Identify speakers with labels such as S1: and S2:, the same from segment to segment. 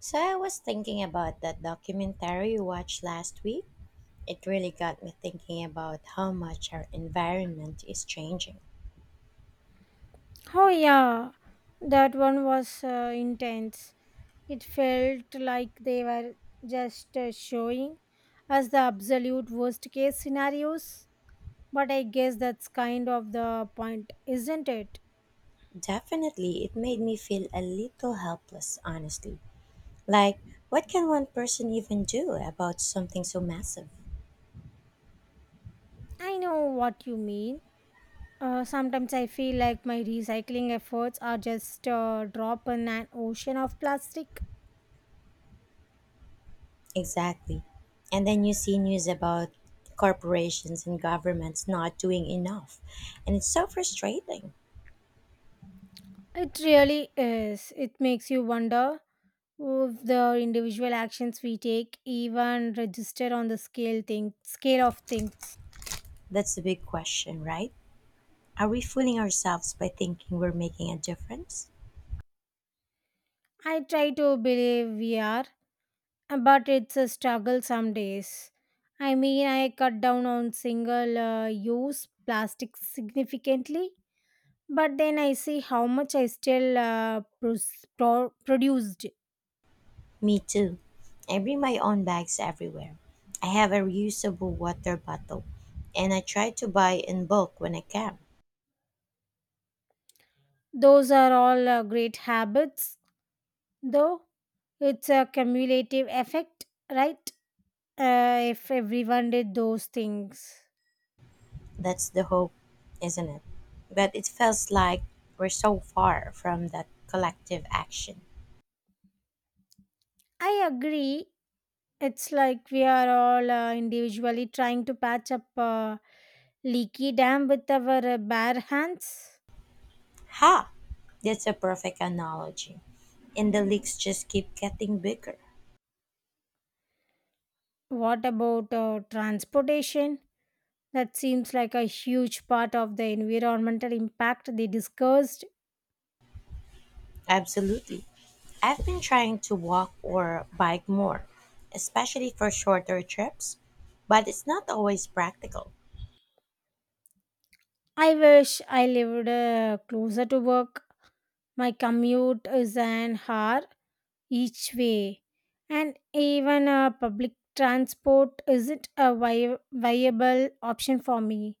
S1: So I was thinking about that documentary you watched last week. It really got me thinking about how much our environment is changing.
S2: Oh, yeah, that one was intense. It felt like they were just showing us the absolute worst case scenarios. But I guess that's kind of the point, isn't it?
S1: Definitely, it made me feel a little helpless, honestly. Like, what can one person even do about something so massive?
S2: I know what you mean. Sometimes I feel like my recycling efforts are just a drop in an ocean of plastic.
S1: Exactly. And then you see news about corporations and governments not doing enough. And it's so frustrating.
S2: It really is. It makes you wonder of the individual actions we take even register on the scale of things.
S1: That's the big question, right? Are we fooling ourselves by thinking we're making a difference?
S2: I try to believe we are, but it's a struggle some days. I mean, I cut down on single use plastic significantly, but then I see how much I still produced.
S1: Me too. I bring my own bags everywhere. I have a reusable water bottle and I try to buy in bulk when I can.
S2: Those are all great habits, though. It's a cumulative effect, right? If everyone did those things.
S1: That's the hope, isn't it? But it feels like we're so far from that collective action.
S2: I agree. It's like we are all individually trying to patch up a leaky dam with our bare hands.
S1: Ha! That's a perfect analogy. And the leaks just keep getting bigger.
S2: What about transportation? That seems like a huge part of the environmental impact they discussed.
S1: Absolutely. I've been trying to walk or bike more, especially for shorter trips, but it's not always practical.
S2: I wish I lived closer to work. My commute is an hour each way, and even public transport isn't a viable option for me.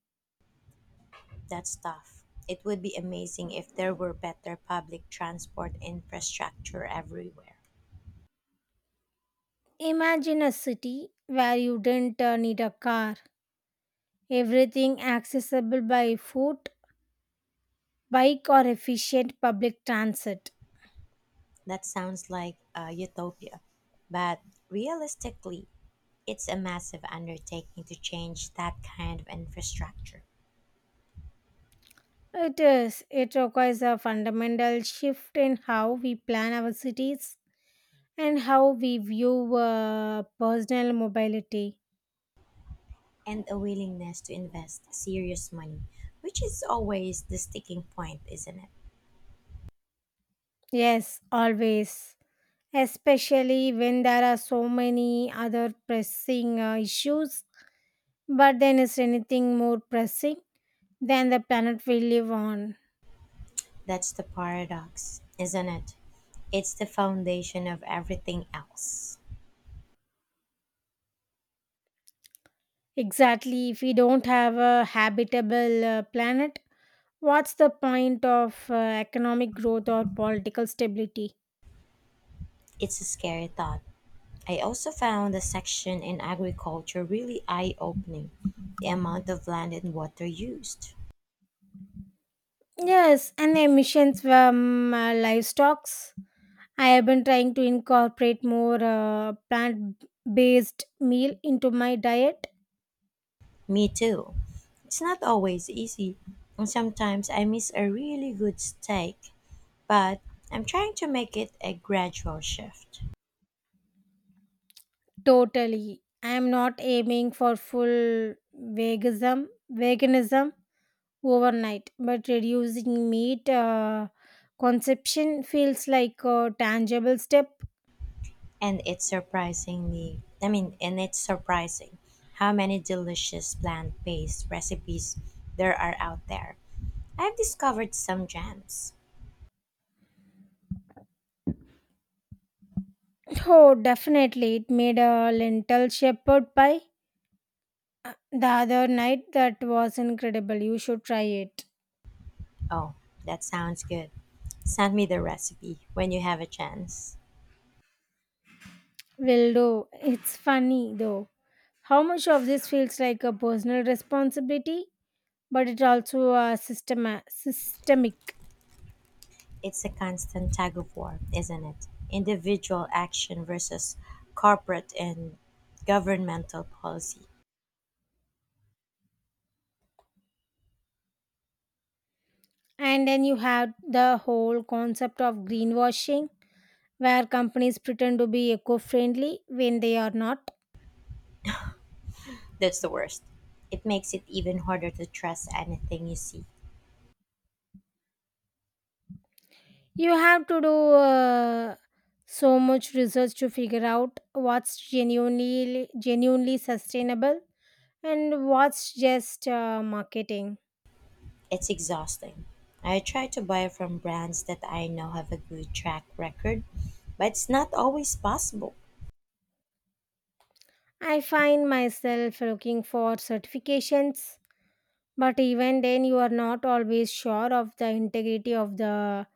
S1: That's tough. It would be amazing if there were better public transport infrastructure everywhere.
S2: Imagine a city where you didn't need a car, everything accessible by foot, bike, or efficient public transit.
S1: That sounds like a utopia. But realistically, it's a massive undertaking to change that kind of infrastructure
S2: It is. It requires a fundamental shift in how we plan our cities and how we view personal mobility.
S1: and a willingness to invest serious money, which is always the sticking point, isn't it?
S2: Yes, always. Especially when there are so many other pressing issues. But then, is anything more pressing than the planet we live on?
S1: That's the paradox, isn't it? It's the foundation of everything else.
S2: Exactly. If we don't have a habitable planet, what's the point of economic growth or political stability?
S1: It's a scary thought. I also found the section in agriculture really eye opening, the amount of land and water used.
S2: Yes, and emissions from livestock. I have been trying to incorporate more plant based meal into my diet.
S1: Me too. It's not always easy, and sometimes I miss a really good steak, but I'm trying to make it a gradual shift.
S2: Totally. I am not aiming for full veganism overnight, but reducing meat consumption feels like a tangible step.
S1: And it's surprising how many delicious plant based recipes there are out there. I've discovered some gems.
S2: Oh, definitely. It made a lentil shepherd pie the other night that was incredible. You should try it.
S1: Oh, that sounds good. Send me the recipe when you have a chance.
S2: Will do. It's funny though. How much of this feels like a personal responsibility, but it also a systemic.
S1: It's a constant tug of war, isn't it? Individual action versus corporate and governmental policy.
S2: And then you have the whole concept of greenwashing, where companies pretend to be eco-friendly when they are not.
S1: That's the worst. It makes it even harder to trust anything you see.
S2: You have to do so much research to figure out what's genuinely sustainable and what's just marketing.
S1: It's exhausting. I try to buy from brands that I know have a good track record, but it's not always possible.
S2: I find myself looking for certifications, but even then you are not always sure of the integrity of the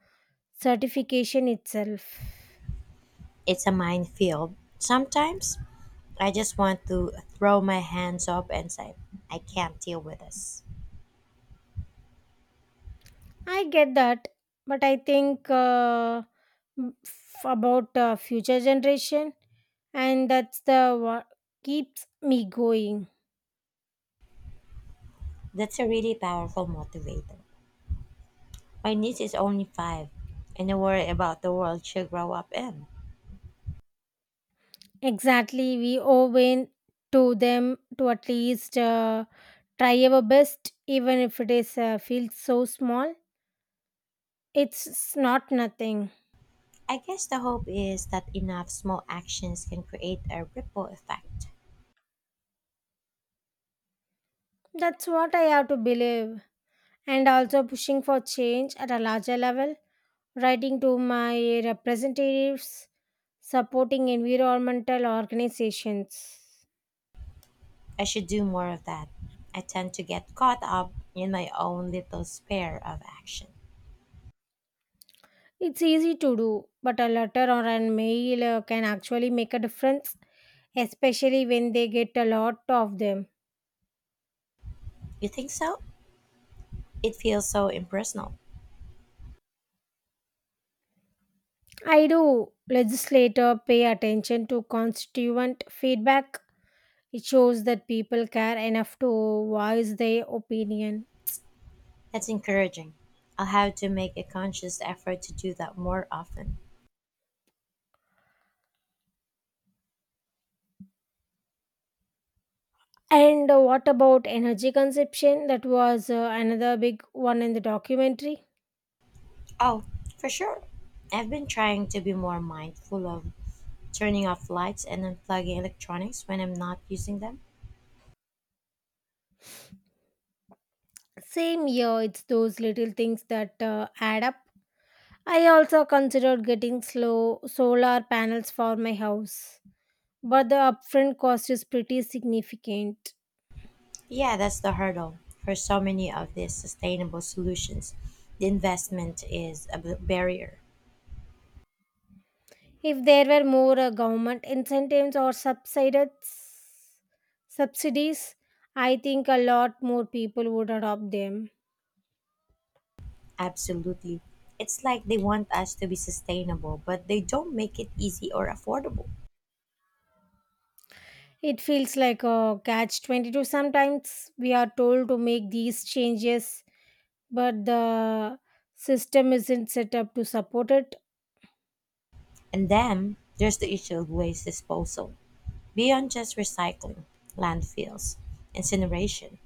S2: certification itself.
S1: It's a minefield. Sometimes I just want to throw my hands up and say, I can't deal with this.
S2: I get that, but I think about future generation, and that's the what keeps me going.
S1: That's a really powerful motivator. My niece is only five, and I worry about the world she'll grow up in.
S2: Exactly, we owe in to them to at least try our best, even if it is feels so small. It's not nothing.
S1: I guess the hope is that enough small actions can create a ripple effect.
S2: That's what I have to believe, and also pushing for change at a larger level, writing to my representatives, supporting environmental organizations.
S1: I should do more of that. I tend to get caught up in my own little sphere of action.
S2: It's easy to do, but a letter or a mail can actually make a difference, especially when they get a lot of them.
S1: You think so? It feels so impersonal.
S2: I do legislator pay attention to constituent feedback. It shows that people care enough to voice their opinion.
S1: That's encouraging. I'll have to make a conscious effort to do that more often.
S2: And what about energy consumption? That was another big one in the documentary.
S1: Oh, for sure. I've been trying to be more mindful of turning off lights and unplugging electronics when I'm not using them.
S2: Same year, it's those little things that add up. I also considered getting slow solar panels for my house, but the upfront cost is pretty significant.
S1: Yeah, that's the hurdle for so many of these sustainable solutions. The investment is a barrier.
S2: If there were more government incentives or subsided subsidies, I think a lot more people would adopt them.
S1: Absolutely. It's like they want us to be sustainable, but they don't make it easy or affordable.
S2: It feels like a catch 22. Sometimes we are told to make these changes, but the system isn't set up to support it.
S1: And then there's the issue of waste disposal. Beyond just recycling, landfills, incineration,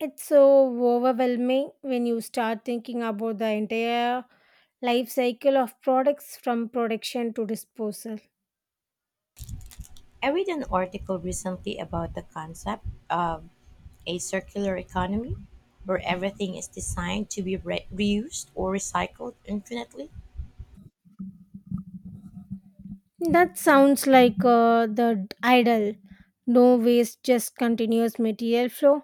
S2: It's so overwhelming when you start thinking about the entire life cycle of products from production to disposal.
S1: I read an article recently about the concept of a circular economy where everything is designed to be reused or recycled infinitely.
S2: That sounds like the idle no waste, just continuous material flow.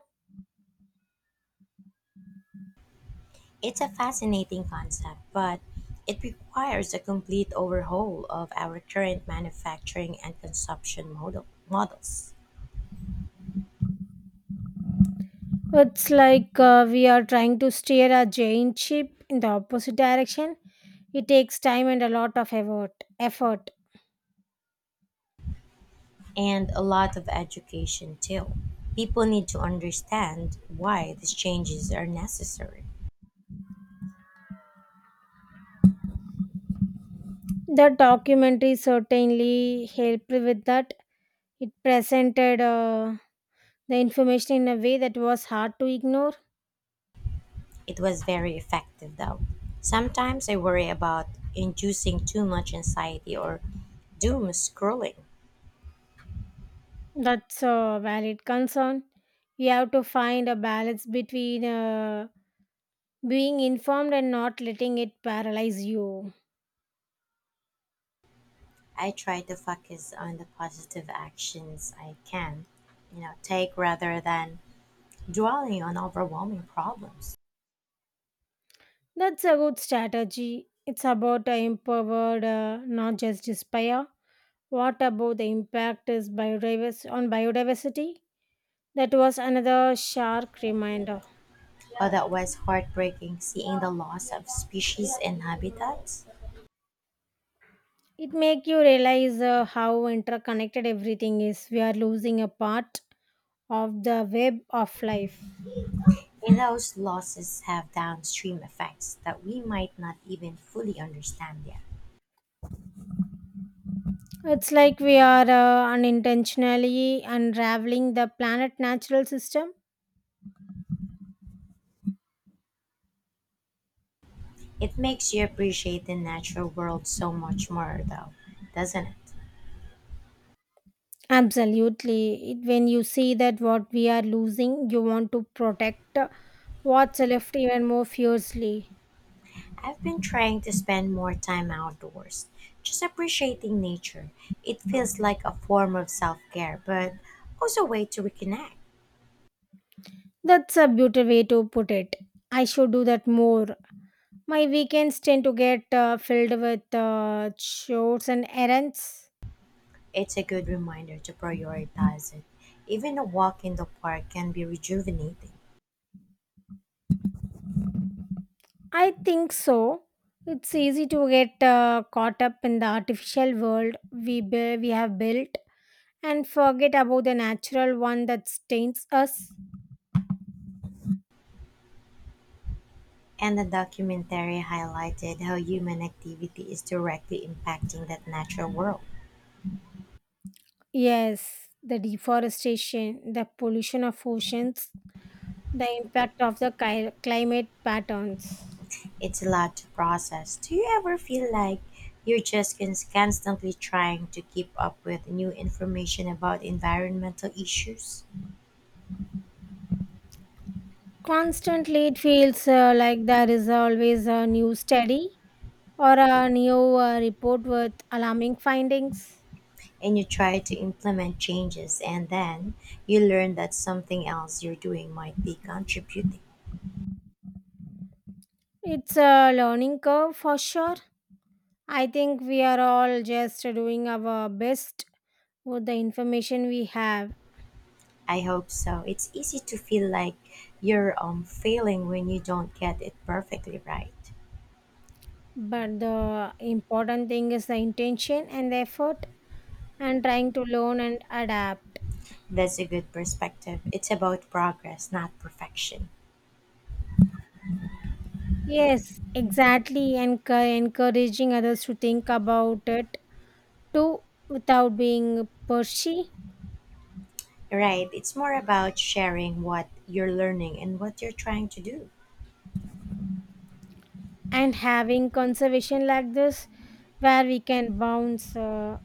S1: It's a fascinating concept, but it requires a complete overhaul of our current manufacturing and consumption models.
S2: It's like we are trying to steer a giant ship in the opposite direction. It takes time and a lot of effort. Effort.
S1: And a lot of education too. People need to understand why these changes are necessary.
S2: The documentary certainly helped with that. It presented the information in a way that was hard to ignore.
S1: It was very effective though. Sometimes I worry about inducing too much anxiety or doom scrolling.
S2: That's a valid concern. We have to find a balance between being informed and not letting it paralyze you.
S1: I try to focus on the positive actions I can, you know, take rather than dwelling on overwhelming problems.
S2: That's a good strategy. It's about empowered, not just despair. What about the impact is biodiversity on biodiversity? That was another shark reminder.
S1: Oh, that was heartbreaking seeing the loss of species and habitats.
S2: It make you realize how interconnected everything is. We are losing a part of the web of life.
S1: And those losses have downstream effects that we might not even fully understand yet.
S2: It's like we are unintentionally unraveling the planet natural system.
S1: It makes you appreciate the natural world so much more, though, doesn't it?
S2: Absolutely. It, when you see that what we are losing, you want to protect what's left even more fiercely.
S1: I've been trying to spend more time outdoors, just appreciating nature. It feels like a form of self care, but also a way to reconnect.
S2: That's a beautiful way to put it. I should do that more. My weekends tend to get filled with chores and errands.
S1: It's a good reminder to prioritize it. Even a walk in the park can be rejuvenating.
S2: I think so. It's easy to get caught up in the artificial world we have built and forget about the natural one that stains us.
S1: And the documentary highlighted how human activity is directly impacting that natural world.
S2: Yes, the deforestation, the pollution of oceans, the impact of the climate patterns.
S1: It's a lot to process. Do you ever feel like you're just constantly trying to keep up with new information about environmental issues?
S2: Constantly, it feels like there is always a new study or a new report with alarming findings.
S1: And you try to implement changes, and then you learn that something else you're doing might be contributing.
S2: It's a learning curve for sure. I think we are all just doing our best with the information we have,
S1: I hope so. It's easy to feel like you're failing when you don't get it perfectly right.
S2: but the important thing is the intention and the effort and trying to learn and adapt.
S1: That's a good perspective. It's about progress, not perfection.
S2: Yes, exactly. And encouraging others to think about it too without being pushy,
S1: Right. It's more about sharing what you're learning and what you're trying to do.
S2: and having conservation like this where we can bounce